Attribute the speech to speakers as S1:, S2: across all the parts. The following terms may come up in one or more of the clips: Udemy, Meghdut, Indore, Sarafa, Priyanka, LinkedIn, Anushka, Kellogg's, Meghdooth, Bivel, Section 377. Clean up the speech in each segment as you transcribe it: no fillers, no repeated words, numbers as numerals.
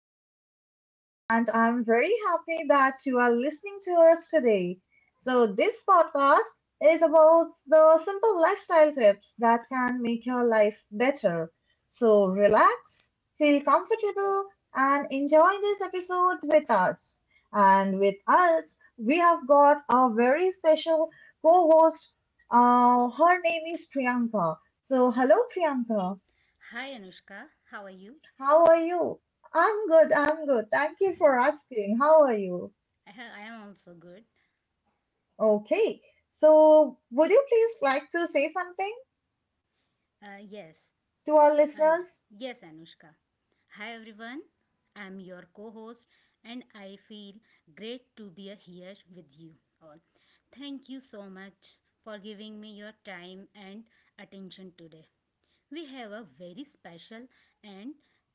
S1: Anushka, and I'm very happy that you are listening to us today. So, this podcast is about the simple lifestyle tips that can make your life better. So, relax, feel comfortable, and enjoy this episode with us. And with us, we have got our very special co host. Her name is Priyanka. So, hello Priyanka.
S2: Hi Anushka, how are you?
S1: How are you? I'm good. I'm good. Thank you for
S2: Hi,
S1: asking. How are you?
S2: I am also good.
S1: Okay. So, would you please like to say something to our
S2: Yes,
S1: listeners?
S2: and yes, Anushka. Hi everyone, I am your co host, and I feel great to be here with you all. Thank you so much for giving me your time and attention today. We have a very special and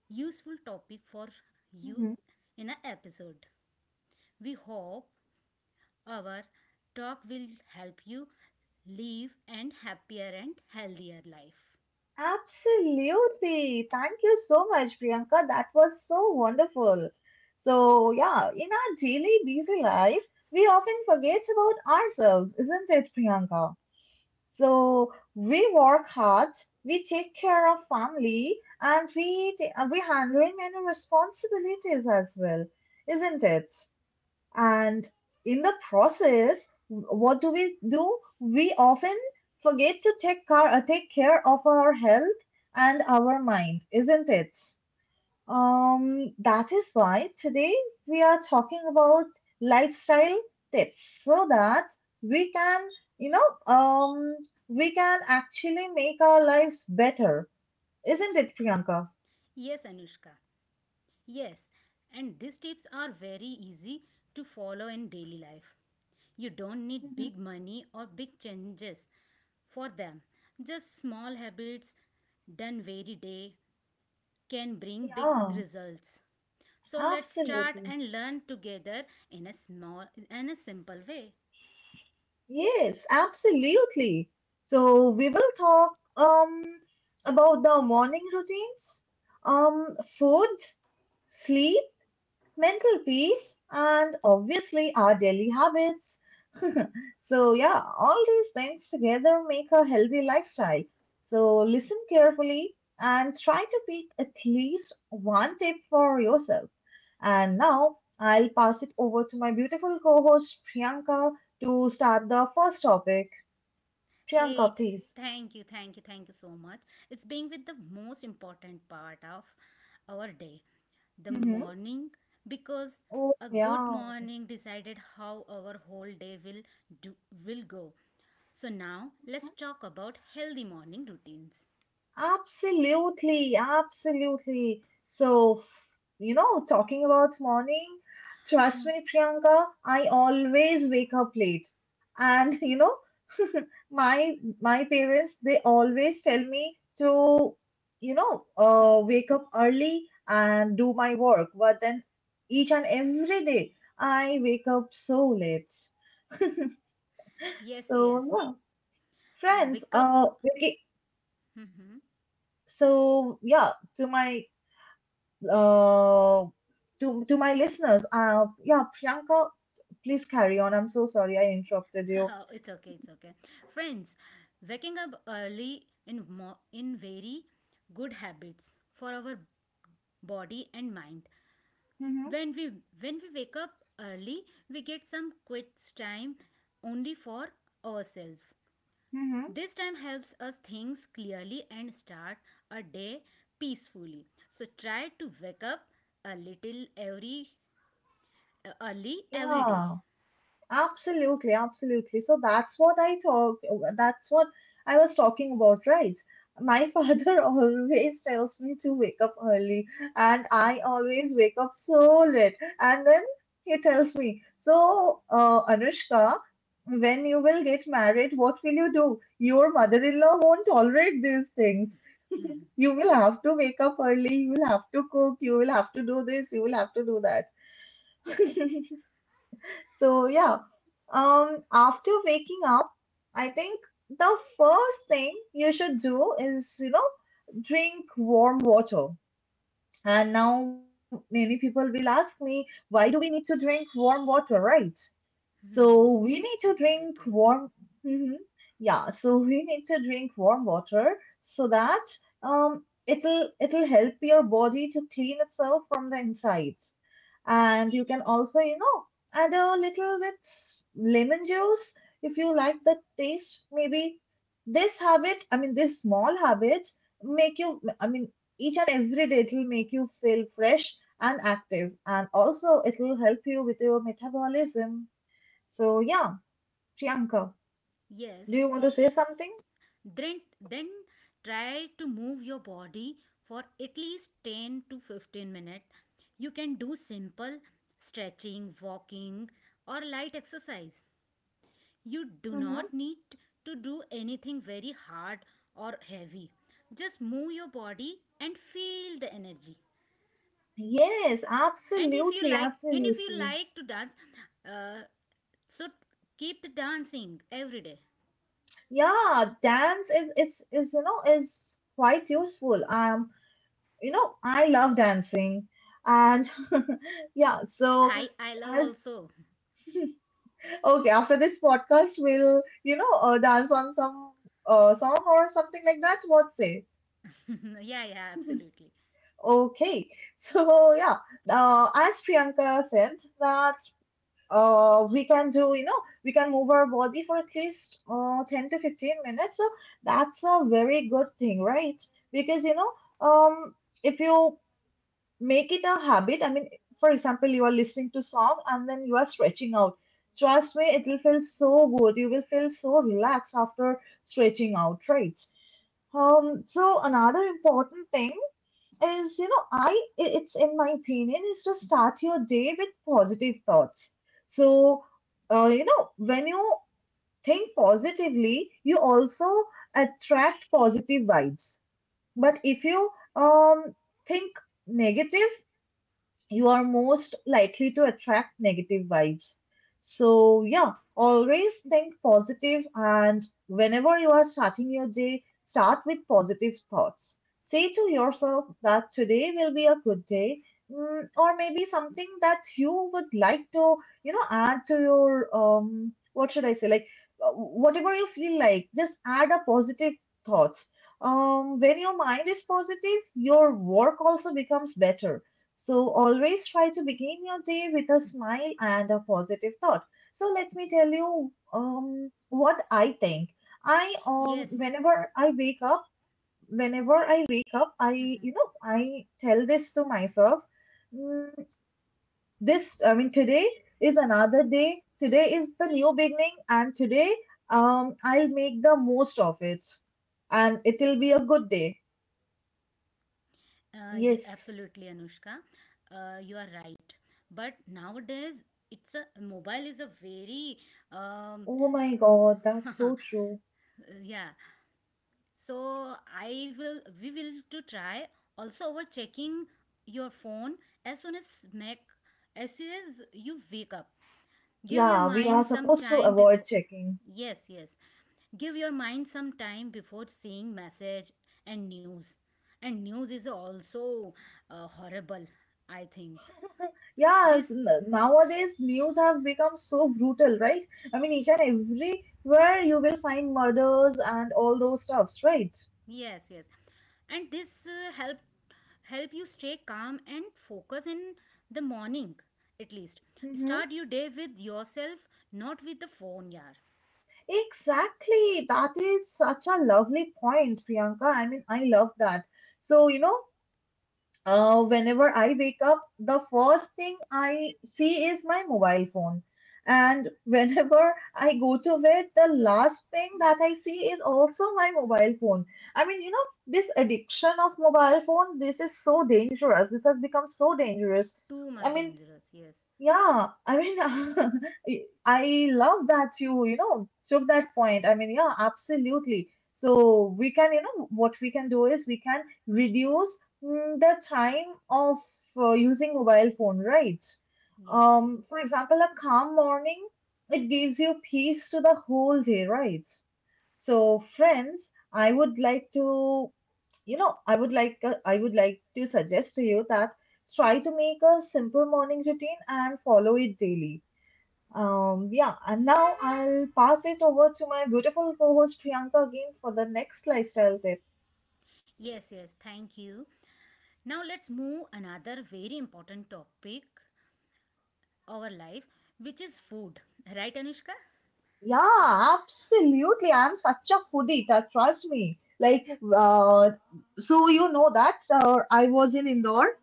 S2: useful topic for you
S1: Mhm.
S2: in an episode. We hope our talk will help you live an happier and healthier life.
S1: Absolutely. Thank you so much, Priyanka. That was so wonderful. So, yeah, in our daily busy life, we often forget about ourselves, isn't it, Priyanka? So we work hard, we take care of family, and we handling many responsibilities as well, isn't it? And in the process, what do? We often forget to take care of our health and our mind, isn't it? That is why today we are talking about lifestyle tips so that we can, you know, um, we can actually make our lives better, isn't it, Priyanka?
S2: Yes, Anushka. Yes, and these tips are very easy to follow in daily life. You don't need
S1: hmm
S2: big money or big changes for them. Just small habits done very day can bring big
S1: Yeah,
S2: results. So let's start
S1: absolutely.
S2: and learn together in a small and a simple way.
S1: Yes, absolutely. So we will talk about the morning routines, um, food, sleep, mental peace, and obviously our daily habits. So, yeah, all these things together make a healthy lifestyle. So, listen carefully and try to pick at least one tip for yourself. And now I'll pass it over to my beautiful co host Priyanka to start the first topic.
S2: Hey,
S1: Priyanka,
S2: th-
S1: please.
S2: thank you so much. It's being with the most important part of our day, the
S1: Mhm.
S2: morning, because
S1: Oh,
S2: a good
S1: yeah.
S2: morning decided how our whole day will do will go. So now let's talk about healthy morning routines.
S1: Absolutely, absolutely. So, you know, talking about morning, trust
S2: Mm,
S1: me, Priyanka, I always wake up late. And you know, my parents, they always tell me to, wake up early and do my work. But then each and every day, I wake up so late.
S2: yes,
S1: So,
S2: yes.
S1: yeah, friends,
S2: Wake
S1: uh,
S2: up.
S1: okay. So, yeah, uh, to my listeners, yeah, Priyanka, please carry on. I'm so sorry I interrupted you.
S2: It's okay. It's okay. Friends, waking up early in mo- in very good habits for our body and mind.
S1: Mm-hmm.
S2: When we when we wake up early we get some quits time only for ourselves.
S1: Mm-hmm.
S2: This time helps us think clearly and start a day peacefully, so try to wake up a little every early every day.
S1: Yeah. Absolutely, absolutely. So that's what I was talking about, right? My father always tells me to wake up early, and I always wake up so late. And then he tells me, so, Anushka, when you will get married, what will you do? Your mother-in-law won't tolerate these things. You will have to wake up early, you will have to cook, you will have to do this, you will have to do that. So yeah, after waking up, I think the first thing you should do is, you know, drink warm water. And now many people will ask me, why do we need to drink warm water, right? So
S2: Hmm,
S1: we need to drink
S2: absolutely,
S1: warm. Mhm. Yeah. So we need to drink warm water so that it'll help your body to clean itself from the inside. And you can also, you know, add a little bit lemon juice if you like the taste. Maybe this small habit, make you, I mean, each and every day it will make you feel fresh and active. And also, it will help you with your metabolism. So, yeah, Priyanka, do
S2: yes.
S1: you want to say something?
S2: Then try to move your body for at least 10 to 15 minutes. You can do simple stretching, walking, or light exercise. You do
S1: Mm-hmm.
S2: not need to do anything very hard or heavy. Just move your body and feel the energy.
S1: Yes,
S2: And if you
S1: absolutely,
S2: like, and if you
S1: absolutely.
S2: like to dance, uh, so keep the dancing every day.
S1: Yeah, dance is quite useful. You know, I love dancing. And yeah, so
S2: Hi, I love
S1: as
S2: also.
S1: okay, after this podcast, we'll, you know, dance on some song or something like that. What say?
S2: Yeah, yeah, absolutely.
S1: Okay, so yeah, as Priyanka said, that we can do, you know, we can move our body for at least 10 to 15 minutes. So that's a very good thing, right? Because, you know, um, if you make it a habit. I mean, for example, you are listening to song and then you are stretching out. Trust me, it will feel so good. You will feel so relaxed after stretching out, right? So another important thing is, you know, it's in my opinion is to start your day with positive thoughts. So, you know, when you think positively, you also attract positive vibes. But if you um think negative, you are most likely to attract negative vibes. So, yeah, always think positive and whenever you are starting your day, start with positive thoughts. Say to yourself that today will be a good day. Or maybe something that you would like to, you know, add to your, what should I say? Like whatever you feel like, just add a positive thought. When your mind is positive, your work also becomes better, so always try to begin your day with a smile and a positive thought. So let me tell you what I think. I
S2: Yes,
S1: whenever I wake up, whenever I wake up, I, you know, I tell this to myself. "Mm, this, I mean, today is another day. Today is the new beginning, and today I'll make the most of it, and it'll be a good day."
S2: Yeah,
S1: Yes.
S2: absolutely, Anushka. You are right. But nowadays, it's a mobile is a very um,
S1: Oh my God, that's so true.
S2: yeah. So I will we will to try also over checking your phone as soon as make as soon as you wake up. Give your
S1: Yeah, we are
S2: mind some
S1: supposed to
S2: time
S1: avoid
S2: before.
S1: checking.
S2: Yes, yes. Give your mind some time before seeing message and news. And news is also horrible, I think.
S1: Yes,
S2: This,
S1: nowadays news have become so brutal, right? I mean, each and everywhere you will find murders and all those stuffs, right?
S2: yes, yes. And this help help you stay calm and focus in the morning at least.
S1: Mm-hmm.
S2: Start your day with yourself, not with the phone, yaar.
S1: Exactly. That is such a lovely point, Priyanka. I mean, I love that. So, you know, Whenever I wake up, the first thing I see is my mobile phone. And whenever I go to bed, the last thing that I see is also my mobile phone. I mean, you know, this addiction of mobile phone, this is so dangerous. This has become so dangerous.
S2: Too
S1: I
S2: much
S1: mean,
S2: dangerous. Yes.
S1: yeah, I mean, I love that you know, took that point. I mean, yeah, absolutely. So we can, you know, what we can do is we can reduce the time of using mobile phone, right?
S2: Yes, yes.
S1: For example, a calm morning, it gives you peace to the whole day, right? So, friends, I would like to, you know, I would like to suggest to you that try to make a simple morning routine and follow it daily. Yeah, and now I'll pass it over to my beautiful co host Priyanka again for the next lifestyle tip.
S2: Yes, yes. Thank you. Now let's move another very important topic our life which is food. Right Anushka?
S1: Yeah, absolutely. I'm such a foodie, that trust me. Uh, so you know that I was in Indore,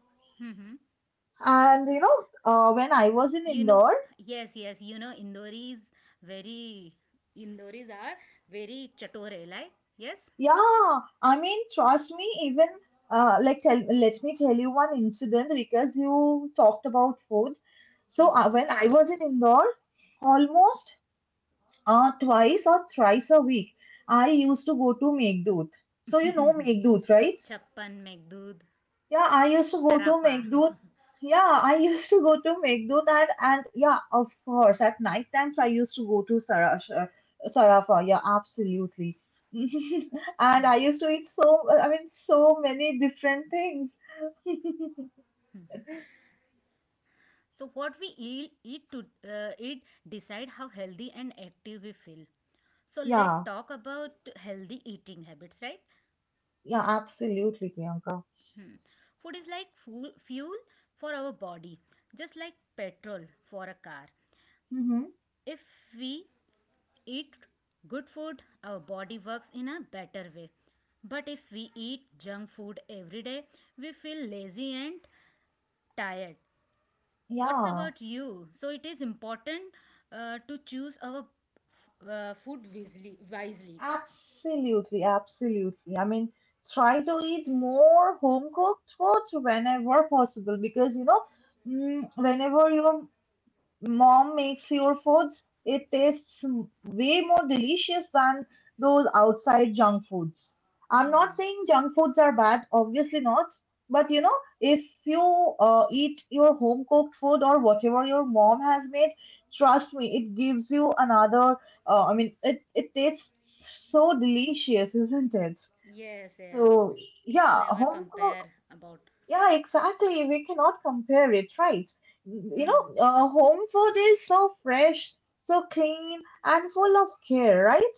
S1: and you know, when I was in
S2: You know,
S1: Indore,
S2: yes, yes, you know, Indoris very, Indoris are very chatore like, yes,
S1: yeah, I mean, trust me, even let me tell you one incident because you talked about food. So when I was in Indore, almost twice or thrice a week, I used to go to Meghdooth. So you know Meghdooth, right?
S2: chappan megdud
S1: Yeah, I used to go to
S2: sarafa.
S1: Meghdut. Yeah, I used to go to Meghdut and yeah, of course, at night times I used to go to Sarafa. Yeah, absolutely. And I used to eat so, I mean, so many different things.
S2: So what we eat decide how healthy and active we feel. So let's
S1: Yeah,
S2: talk about healthy eating habits, right?
S1: yeah, absolutely, Priyanka.
S2: Food is like fuel for our body, just like petrol for a car.
S1: Mm-hmm.
S2: If we eat good food, our body works in a better way. But if we eat junk food every day, we feel lazy and tired. What's
S1: Yeah,
S2: about you? So it is important to choose our food wisely. Wisely.
S1: absolutely, absolutely. I mean, try to eat more home cooked food whenever possible because you know, whenever your mom makes your foods, it tastes way more delicious than those outside junk foods. I'm not
S2: Hmm.
S1: saying junk foods are bad, obviously not. But you know, if you eat your home cooked food or whatever your mom has made, trust me, it gives you another. It tastes so delicious, isn't it?
S2: Yes, yes.
S1: So
S2: It's
S1: yeah,
S2: never
S1: home
S2: compare
S1: cook.
S2: about.
S1: Yeah, exactly. We cannot compare it, right? You know,
S2: Hmm.
S1: home food is so fresh, so clean, and full of care, right?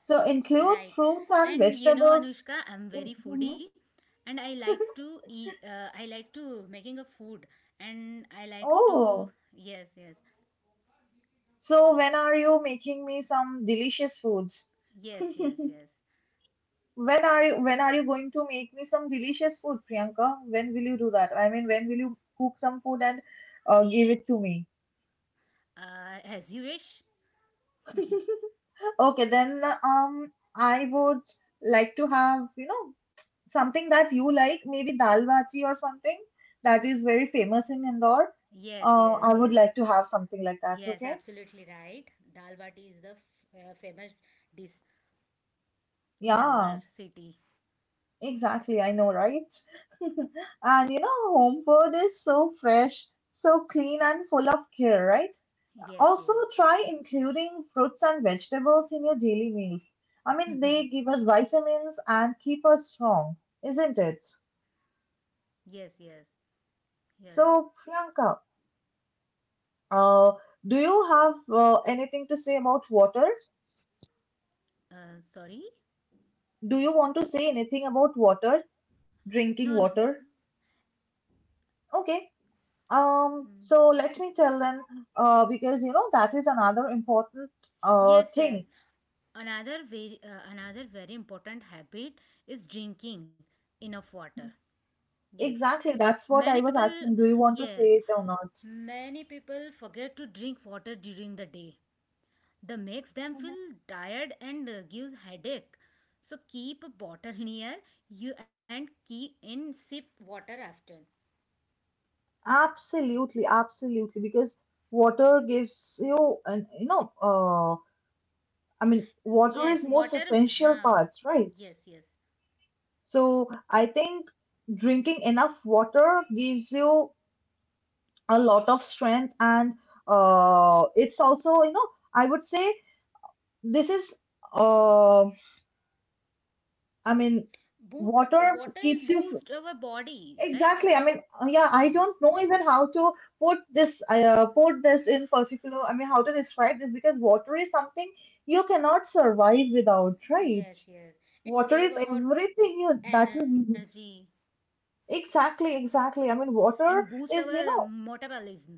S1: So include
S2: Right.
S1: fruits and
S2: And you know,
S1: vegetables.
S2: Anushka, I'm very
S1: In
S2: foodie
S1: mhm.
S2: and I like to making a food and I like to,
S1: Oh,
S2: yes, yes,
S1: so when are you making me some delicious foods?
S2: yes, yes, yes.
S1: When are you, going to make me some delicious food, Priyanka? When will you do that? I mean, when will you cook some food and give it to me?
S2: As you wish.
S1: Okay, then I would like to have, you know, something that you like, maybe dal bati or something that is very famous in Indore.
S2: Yes, yes,
S1: I would
S2: yes.
S1: like to have something like that,
S2: Yes,
S1: okay?
S2: absolutely right. Dal bati is the famous dish in our
S1: Yeah,
S2: city.
S1: exactly. I know, right? And you know, home food is so fresh, so clean, and full of care, right?
S2: Yes,
S1: Also,
S2: yes.
S1: try including fruits and vegetables in your daily meals. I mean, they give us vitamins and keep us strong, isn't it?
S2: Yes, yes. You're right.
S1: So, Priyanka, uh, do you have anything to say about water?
S2: Sorry?
S1: Do you want to say anything about water,
S2: No,
S1: drinking
S2: no.
S1: water? Okay. So let me tell them, because you know that is another important
S2: Yes, yes.
S1: thing.
S2: Another very important habit is drinking enough water. Yes.
S1: Exactly, that's what
S2: Many
S1: I was
S2: people,
S1: asking. Do you want to say
S2: yes,
S1: it or not?
S2: many people forget to drink water during the day. That makes them
S1: Mhm.
S2: feel tired and gives headache. So keep a bottle near you and keep in sip water after.
S1: Absolutely, absolutely, because water gives you and you know I mean water
S2: Yes,
S1: is most
S2: water
S1: essential
S2: huh.
S1: parts, right?
S2: Yes, yes.
S1: So I think drinking enough water gives you a lot of strength, and it's also, I would say this is, uh, I mean,
S2: Water
S1: water
S2: is
S1: keeps you
S2: boost our body, right?
S1: exactly. I mean, yeah, I don't know even how to put this, put this in particular. I mean, how to describe this because water is something you cannot survive without, right?
S2: Yes, yes. It
S1: Water
S2: save
S1: is
S2: our
S1: everything you that you
S2: energy
S1: need. Exactly, exactly. I mean,
S2: and
S1: water
S2: boost
S1: is,
S2: our metabolism.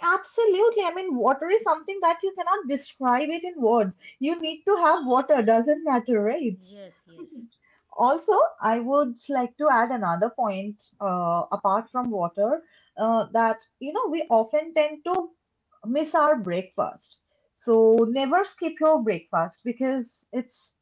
S1: absolutely. I mean, water is something that you cannot describe it in words. You need to have water, doesn't matter, right?
S2: Yes, yes.
S1: Also, I would like to add another point apart from water that, you know, we often tend to miss our breakfast. So never skip your breakfast because it's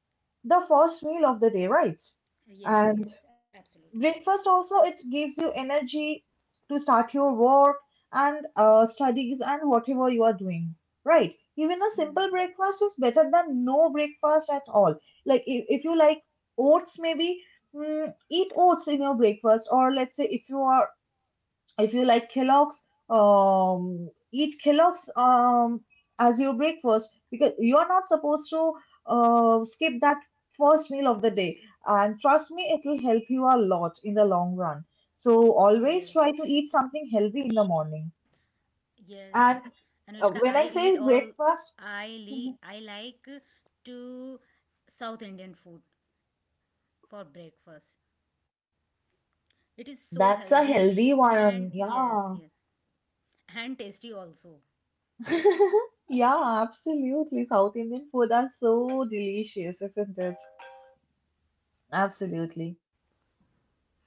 S1: the first meal of the day, right?
S2: Yes, yes. Absolutely right.
S1: Breakfast also it gives you energy to start your work and studies and whatever you are doing, right? Even a simple breakfast is better than no breakfast at all. Like if you like oats, maybe eat oats in your breakfast. Or let's say if you are if you like Kellogg's, eat Kellogg's as your breakfast, because you are not supposed to skip that first meal of the day. And trust me, it will help you a lot in the long run. So
S2: Yes.
S1: always try to eat something healthy in the morning.
S2: Yes.
S1: And
S2: Anushka,
S1: when
S2: I
S1: I
S2: eat
S1: say
S2: all,
S1: breakfast,
S2: I like to South Indian food for breakfast. It is so
S1: that's a
S2: healthy
S1: healthy
S2: and
S1: one.
S2: yes,
S1: Yeah.
S2: yes. And tasty also.
S1: Yeah, absolutely. South Indian food are so delicious, isn't it? Absolutely.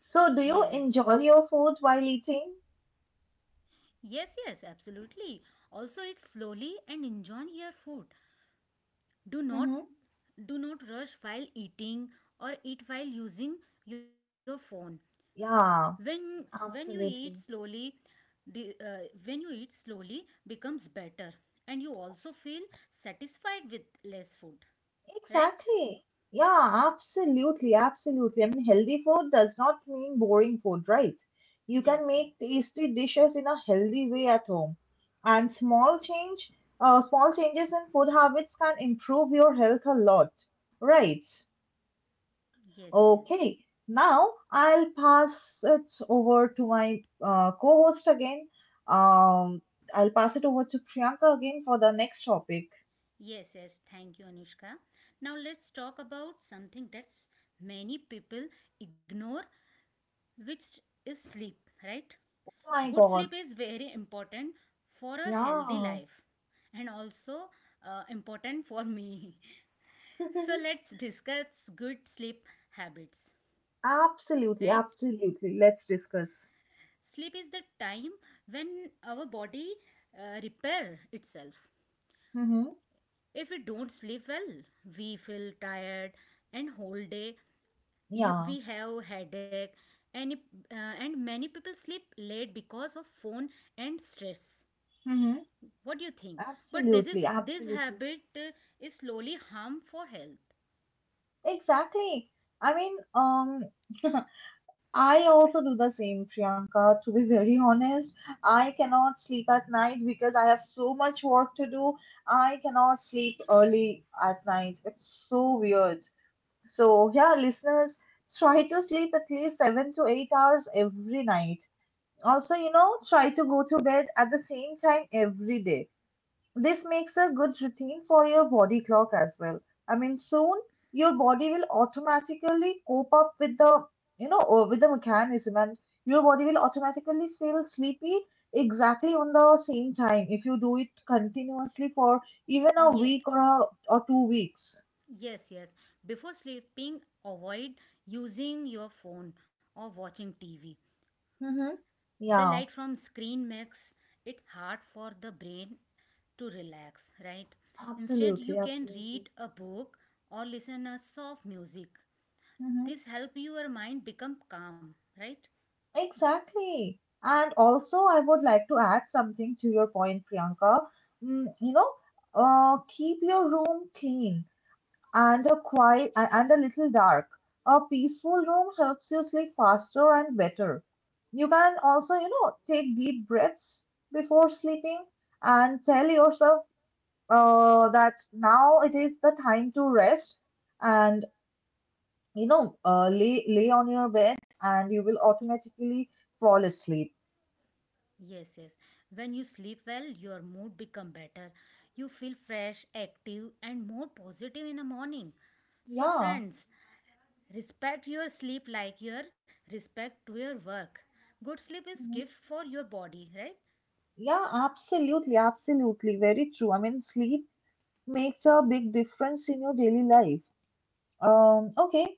S1: So, do you
S2: Yes.
S1: enjoy your food while eating?
S2: Yes, yes, absolutely. Also eat slowly and enjoy your food. Do not
S1: Hmm,
S2: do not rush while eating or eat while using your phone.
S1: yeah,
S2: When when you eat
S1: absolutely.
S2: slowly, the, when you eat slowly becomes better and you also feel satisfied with less food. Right?
S1: Exactly. Yeah, absolutely. Absolutely. I mean, healthy food does not mean boring food, right? You
S2: Yes,
S1: can
S2: yes.
S1: make tasty dishes in a healthy way at home. And small changes in food habits can improve your health a lot, right?
S2: Yes, yes.
S1: Okay, now I'll pass it over to my co-host again. Um, I'll pass it over to Priyanka again for the next topic.
S2: Yes, yes. Thank you, Anushka. Now let's talk about something that's many people ignore, which is sleep, right?
S1: Oh my
S2: Good
S1: God,
S2: sleep is very important for a healthy
S1: yeah,
S2: life and also important for me. So let's discuss good sleep habits, right?
S1: absolutely, absolutely. Let's discuss.
S2: Sleep is the time when our body repair itself.
S1: Mm-hmm.
S2: If we don't sleep well we feel tired and whole day you,
S1: Yeah,
S2: we have headache any, and many people sleep late because of phone and stress.
S1: mm-hmm.
S2: What do you think? But this
S1: Absolutely,
S2: is this
S1: absolutely.
S2: habit is slowly harm for health.
S1: Exactly. I mean, I also do the same, Priyanka. To be very honest, I cannot sleep at night because I have so much work to do. I cannot sleep early at night. It's so weird. So, yeah, listeners, try to sleep at least 7 to 8 hours every night. Also, you know, try to go to bed at the same time every day. This makes a good routine for your body clock as well. I mean, soon your body will automatically cope up with the, with the mechanism, and your body will automatically feel sleepy exactly on the same time if you do it continuously for even a
S2: Yeah,
S1: week or 2 weeks.
S2: yes, yes. Before sleeping, avoid using your phone or watching TV.
S1: Mm-hmm.
S2: The
S1: Yeah,
S2: light from screen makes it hard for the brain to relax, right? Instead,
S1: absolutely,
S2: you can
S1: absolutely.
S2: read a book or listen a soft music.
S1: Mm-hmm.
S2: This help your mind become calm, right?
S1: Exactly. And also, I would like to add something to your point, Priyanka. You know, keep your room clean and a quiet a- and a little dark. A peaceful room helps you sleep faster and better. You can also, you know, take deep breaths before sleeping and tell yourself that now it is the time to rest, and, you know, lay on your bed and you will automatically fall asleep.
S2: Yes, yes. When you sleep well, your mood become better. You feel fresh, active and more positive in the morning. So
S1: Yeah.
S2: friends, respect your sleep like your respect to your work. Good sleep is
S1: Mhm.
S2: gift for your body, right?
S1: Yeah, absolutely, absolutely. Very true. I mean, sleep makes a big difference in your daily life. Okay,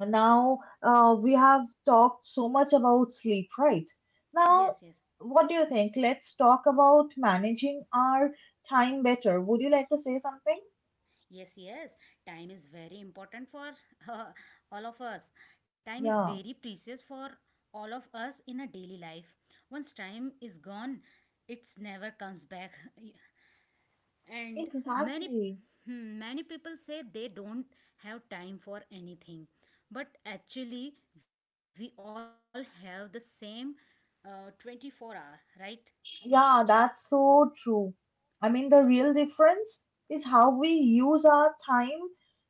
S1: now we have talked so much about sleep, right?
S2: Yes,
S1: Now,
S2: yes.
S1: what do you think? Let's talk about managing our time better. Would you like to say something?
S2: Yes, yes. Time is very important for uh, all of us. Time is
S1: Yeah,
S2: very precious for all of us in a daily life. Once time is gone, it's never comes back. And many,
S1: exactly.
S2: hmm, many people say they don't have time for anything, but actually we all have the same 24 hour, right?
S1: Yeah, that's so true. I mean, the real difference is how we use our time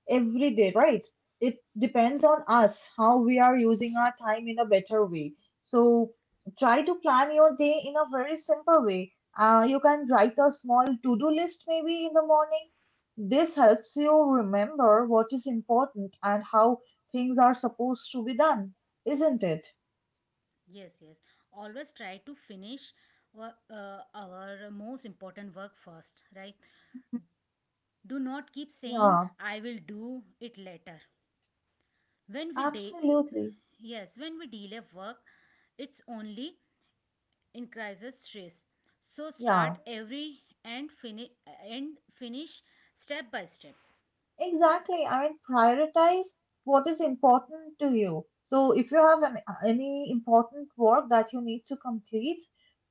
S1: every day, right? It depends on us how we are using our time in a better way. So try to plan your day in a very simple way. You can write a small to-do list maybe in the morning. This helps you remember what is important and how things are supposed to be done, isn't it?
S2: Yes, yes, always try to finish our most important work first, right? Do not keep saying
S1: Yeah,
S2: I will do it later. when we de-
S1: absolutely.
S2: yes, when we delay work it's only increases stress. So start
S1: Yeah.
S2: every and finish step by step.
S1: Exactly. I mean, prioritize what is important to you. So, if you any important work that you need to complete,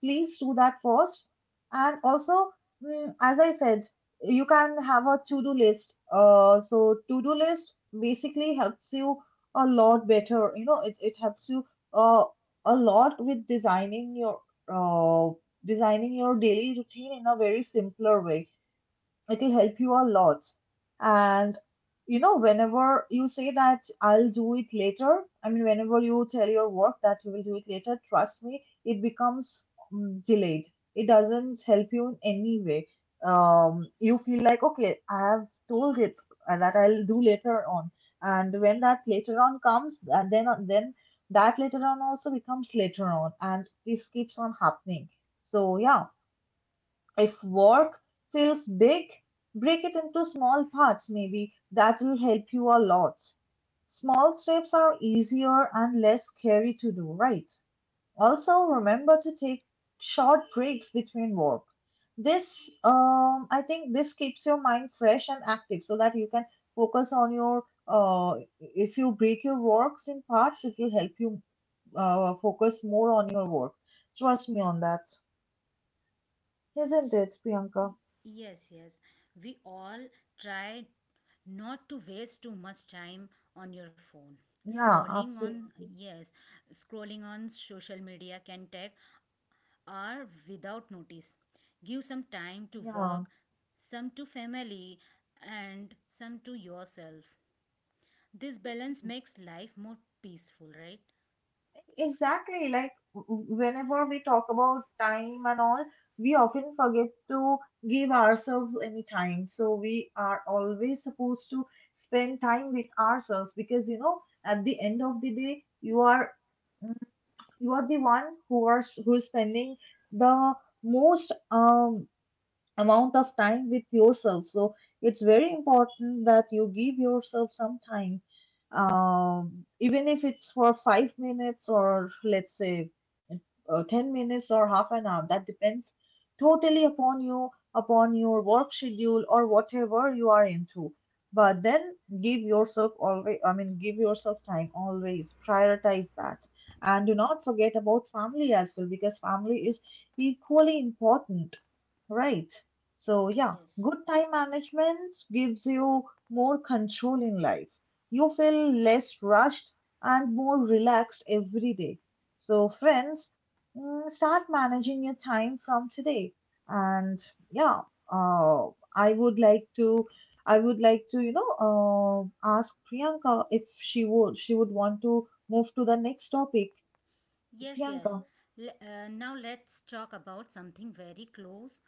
S1: please do that first. And also, as I said, you can have a to do list. So, to do list basically helps you a lot better. You know, it helps you uh, a lot with uh, designing your daily routine in a very simpler way. It'll help you a lot. And you know, whenever you say that I'll do it later, I mean, whenever you tell your work that you will do it later, trust me, it becomes delayed. It doesn't help you in any way. You feel like, okay, I have told it that I'll do later on, and when that later on comes, and then that later on also becomes later on, and this keeps on happening. So yeah, if work feels big, break it into small parts, maybe that will help you a lot. Small steps are easier and less scary to do, right? Also, remember to take short breaks between work. This, I think, this keeps your mind fresh and active so that you can focus on your. Uh, if you break your works in parts, it will help you focus more on your work. Trust me on that, isn't it, Priyanka?
S2: Yes, yes. We all try not to waste too much time on your phone.
S1: Yeah,
S2: Scrolling on,
S1: absolutely.
S2: yes, scrolling on social media can take hour without notice. Give some time to
S1: Yeah,
S2: work, some to family and some to yourself. This balance makes life more peaceful, right?
S1: exactly. Like whenever we talk about time and all, we often forget to give ourselves any time. So we are always supposed to spend time with ourselves because you know, at the end of the day, you are mm, you are the one who is spending the most amount of time with yourself. So it's very important that you give yourself some time, even if it's for 5 minutes or let's say 10 minutes or half an hour. That depends totally upon you, upon your work schedule or whatever you are into. But then give yourself always, I mean, give yourself time always, prioritize that. And do not forget about family as well, because family is equally important. Right. So, yeah,
S2: Yes.
S1: good time management gives you more control in life. You feel less rushed and more relaxed every day. So, friends, start managing your time from today. And yeah, uh, I would like to, I would like to, you know, ask Priyanka if she would want to move to the next topic.
S2: Yes, yes.
S1: Priyanka.
S2: Now let's talk about something very close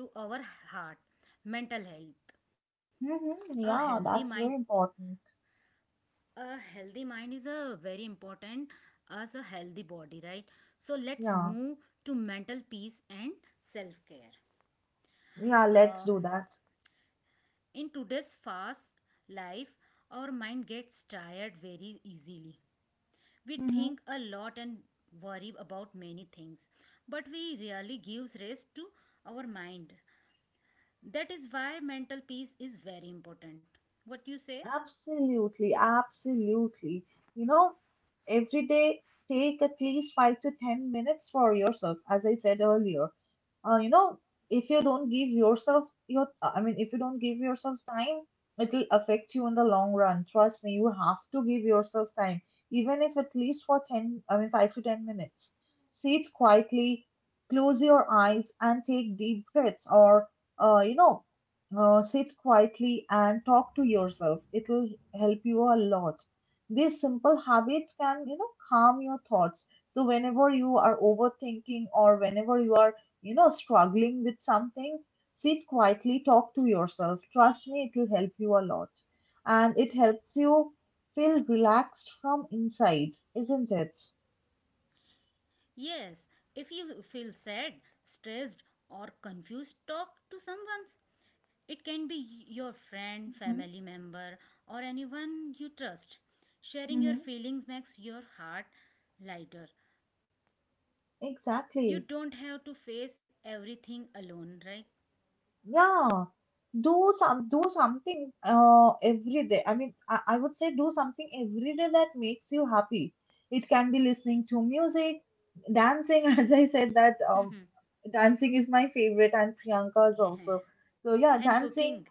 S2: to our heart, mental health. A
S1: Hmm,
S2: healthy
S1: yeah,
S2: mind,
S1: that's very important.
S2: a healthy mind is a very important as a healthy body, right? So let's
S1: Yeah.
S2: move to mental peace and self-care.
S1: Yeah, let's
S2: Uh,
S1: do that.
S2: in today's fast life, our mind gets tired very easily. We think
S1: Hmm.
S2: a lot and worry about many things, but we rarely give rest to our mind. That is why mental peace is very important. What you say?
S1: Absolutely, absolutely. You know, every day take at least 5 to 10 minutes for yourself, as I said earlier. You know, if you don't give yourself your I mean if you don't give yourself time, it will affect you in the long run. Trust me, you have to give yourself time, even if at least for 10, I mean 5 to 10 minutes. Sit quietly, close your eyes and take deep breaths, or uh, you know sit quietly and talk to yourself. It will help you a lot. These simple habits can, you know, calm your thoughts. So whenever you are overthinking or whenever you are, you know, struggling with something, sit quietly, talk to yourself. Trust me, it will help you a lot. And it helps you feel relaxed from inside, isn't it?
S2: Yes, if you feel sad, stressed, or confused, talk to someone. It can be your friend,
S1: Hmm.
S2: family member, or anyone you trust. Sharing your
S1: Hmm.
S2: feelings makes your heart lighter. You
S1: Exactly.
S2: don't have to face everything alone, right?
S1: Yeah. Do something every day. I mean, I would say do something every day that makes you happy. It can be listening to music, dancing, as I said that dancing is my favorite and Priyanka's
S2: Yeah.
S1: also. So
S2: And
S1: yeah,
S2: cooking.
S1: dancing.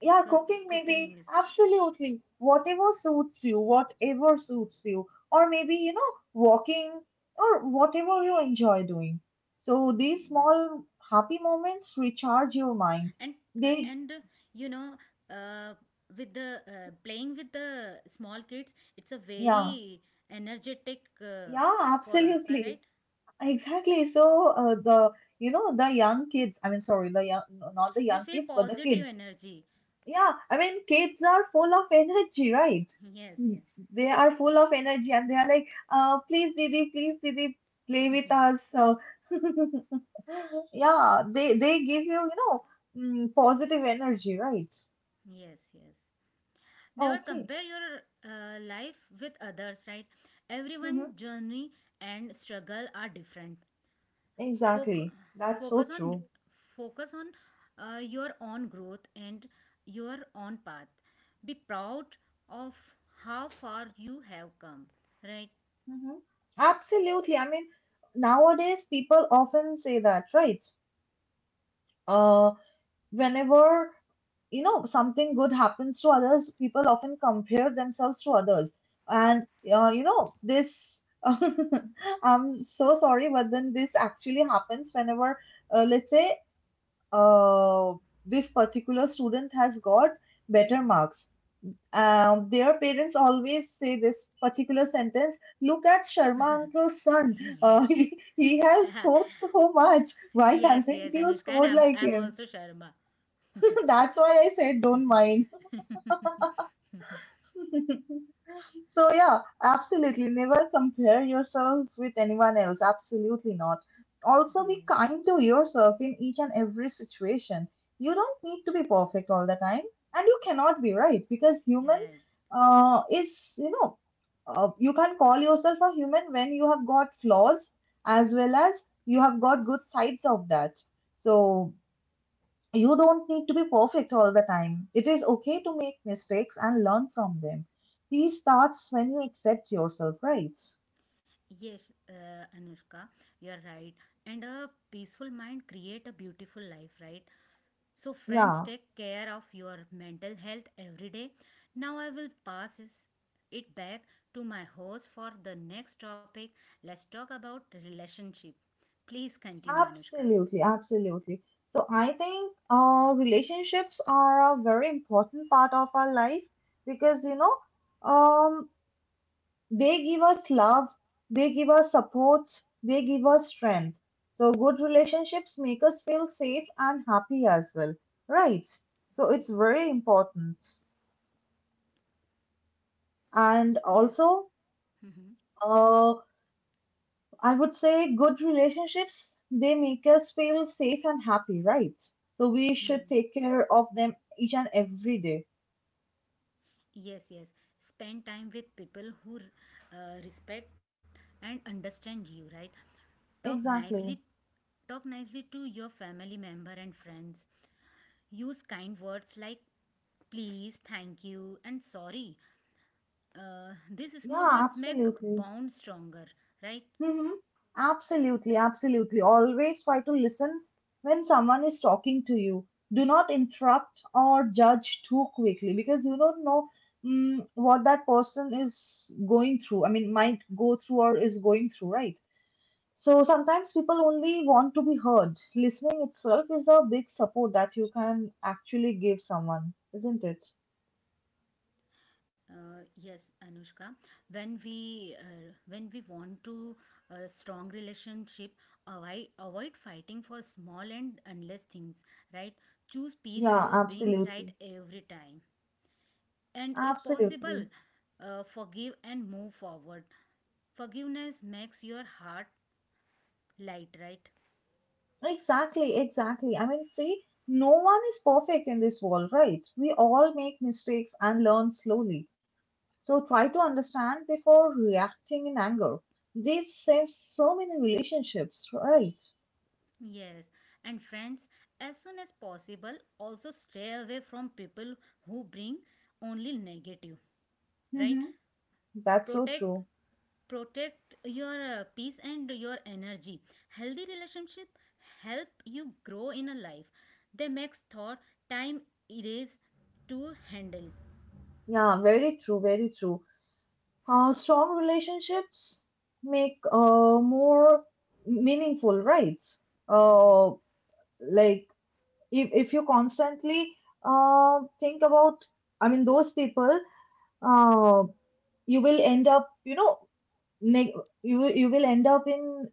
S1: Yeah, cooking
S2: Cooking is
S1: maybe. Absolutely. Whatever suits you, whatever suits you. Or maybe, you know, walking or whatever you enjoy doing. So these small happy moments recharge your mind.
S2: and uh,
S1: They,
S2: and uh, you know uh, with the playing with the small kids it's a
S1: yeah,
S2: very energetic
S1: yeah,
S2: for us, right?
S1: absolutely. Exactly. So you know, the young kids, I mean, sorry, the young, no, not the
S2: We
S1: young
S2: feel
S1: kids, but the
S2: positive
S1: kids.
S2: energy,
S1: Yeah, I mean, kids are full of energy, right?
S2: yes,
S1: Mm,
S2: yes.
S1: they are full of energy and they are like, please, Didi, play with us. So, yeah, they give you, you know, positive energy, right?
S2: Yes, yes, never
S1: Okay.
S2: compare your life with others, right?
S1: Hmm.
S2: Everyone journey and struggle are different. Foc-
S1: Exactly. That's so
S2: focus on
S1: true.
S2: focus on your own growth and your own path. Be proud of how far you have come, right?
S1: Hmm. Absolutely. I mean, nowadays people often say that, right? Uh, whenever you know something good happens to others, people often compare themselves to others. And you know, this I'm so sorry, but then this actually happens. Whenever let's say uh, this particular student has got better marks, their parents always say this particular sentence: look at Sharma uncle's son,
S2: Yes.
S1: he has scored so much, why
S2: Yes,
S1: haven't
S2: yes,
S1: you
S2: Anushka, and
S1: scored
S2: i'm,
S1: like
S2: I'm
S1: him?
S2: also sharma.
S1: That's why I said don't mind. So, yeah, absolutely. Never compare yourself with anyone else. Absolutely not. Also, be
S2: Hmm,
S1: kind to yourself in each and every situation. You don't need to be perfect all the time, and you cannot be right, because human
S2: right.
S1: is, you know, you can call yourself a human when you have got flaws as well as you have got good sides of that. So, you don't need to be perfect all the time. It is okay to make mistakes and learn from them. Peace starts when you accept yourself, right?
S2: Yes, Anushka, you're right. And a peaceful mind create a beautiful life, right? So friends,
S1: Yeah,
S2: take care of your mental health every day. Now I will it back to my host for the next topic. Let's talk about relationship. Please continue, Anushka.
S1: absolutely, absolutely. So I think relationships are a very important part of our life, because you know, um, they give us love, they give us support, they give us strength. So good relationships make us feel safe and happy as well, right? So it's very important. And
S2: Yes.
S1: also,
S2: Mhm.
S1: uh, I would say good relationships, they make us feel safe and happy, right? So we should take care of them each and every day.
S2: Yes, yes. Spend time with people who respect and understand you, right? Talk nicely
S1: Exactly.
S2: Talk nicely to your family member and friends. Use kind words like please, thank you, and sorry. These small
S1: Yeah,
S2: words make
S1: absolutely.
S2: bond stronger, right?
S1: Hmm. Absolutely, absolutely. Always try to listen when someone is talking to you. Do not interrupt or judge too quickly, because you don't know what that person is going through I mean might go through or is going through, right? So sometimes people only want to be heard. Listening itself is a big support that you can actually give someone, isn't it?
S2: Yes, Anushka. When we want to strong relationship, avoid fighting for small and unless things, right? Choose peace
S1: Yeah,
S2: over beings right
S1: absolutely.
S2: every time. And if possible,
S1: Absolutely.
S2: forgive and move forward. Forgiveness makes your heart light, right?
S1: Exactly, exactly. I mean, see, no one is perfect in this world, right? We all make mistakes and learn slowly. So try to understand before reacting in anger. This saves so many relationships, right?
S2: Yes, and friends, as soon as possible, also stay away from people who bring only negative, right?
S1: Mm-hmm. That's so
S2: Protect
S1: true.
S2: protect your peace and your energy. Healthy relationship help you grow in a life, they makes thought time erase to handle.
S1: Yeah, very true, very true. Strong relationships make more meaningful, right? Uh, like if, if you constantly think about, I mean those people, uh, you will end up, you know, neg- you will end up in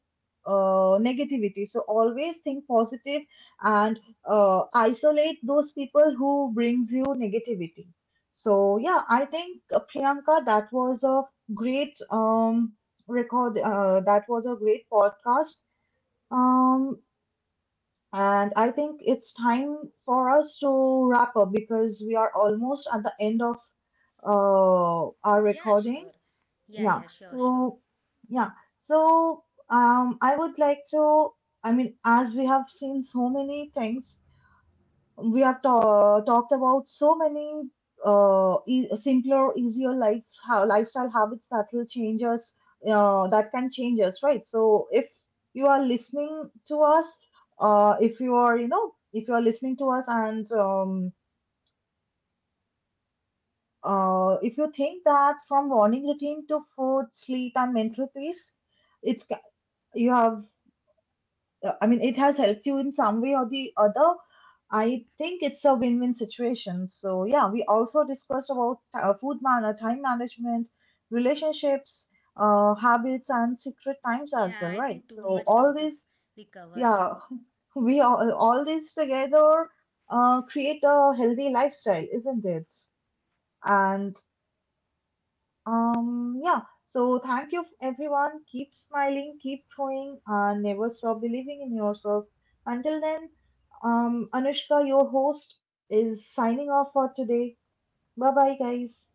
S1: negativity. So always think positive and isolate those people who brings you negativity. So yeah, I think Priyanka, that was a great record. That was a great podcast. Um, and I think it's time for us to wrap up because we are almost at the end of our
S2: Yeah,
S1: recording.
S2: sure. yeah yeah
S1: yeah
S2: sure sure
S1: so yeah so I would like to, I mean, as we have seen so many things, we have talked about so many simpler easier life how lifestyle habits that will change us, that can change us, right? So if you are listening to us, if you are you know if you are listening to us, and if you think that from morning routine to food, sleep and mental peace, it you have I mean it has helped you in some way or the other, I think it's a win-win situation. So yeah, we also discussed about food manner, time management, relationships, habits and secret times as
S2: Yeah,
S1: well,
S2: I
S1: right?
S2: think too
S1: So
S2: much
S1: all
S2: topics
S1: these,
S2: we covered.
S1: yeah, we all these together create a healthy lifestyle, isn't it? And yeah, so thank you everyone. Keep smiling, keep trying, and never stop believing in yourself. Until then, Anushka, your host, is signing off for today. Bye bye, guys.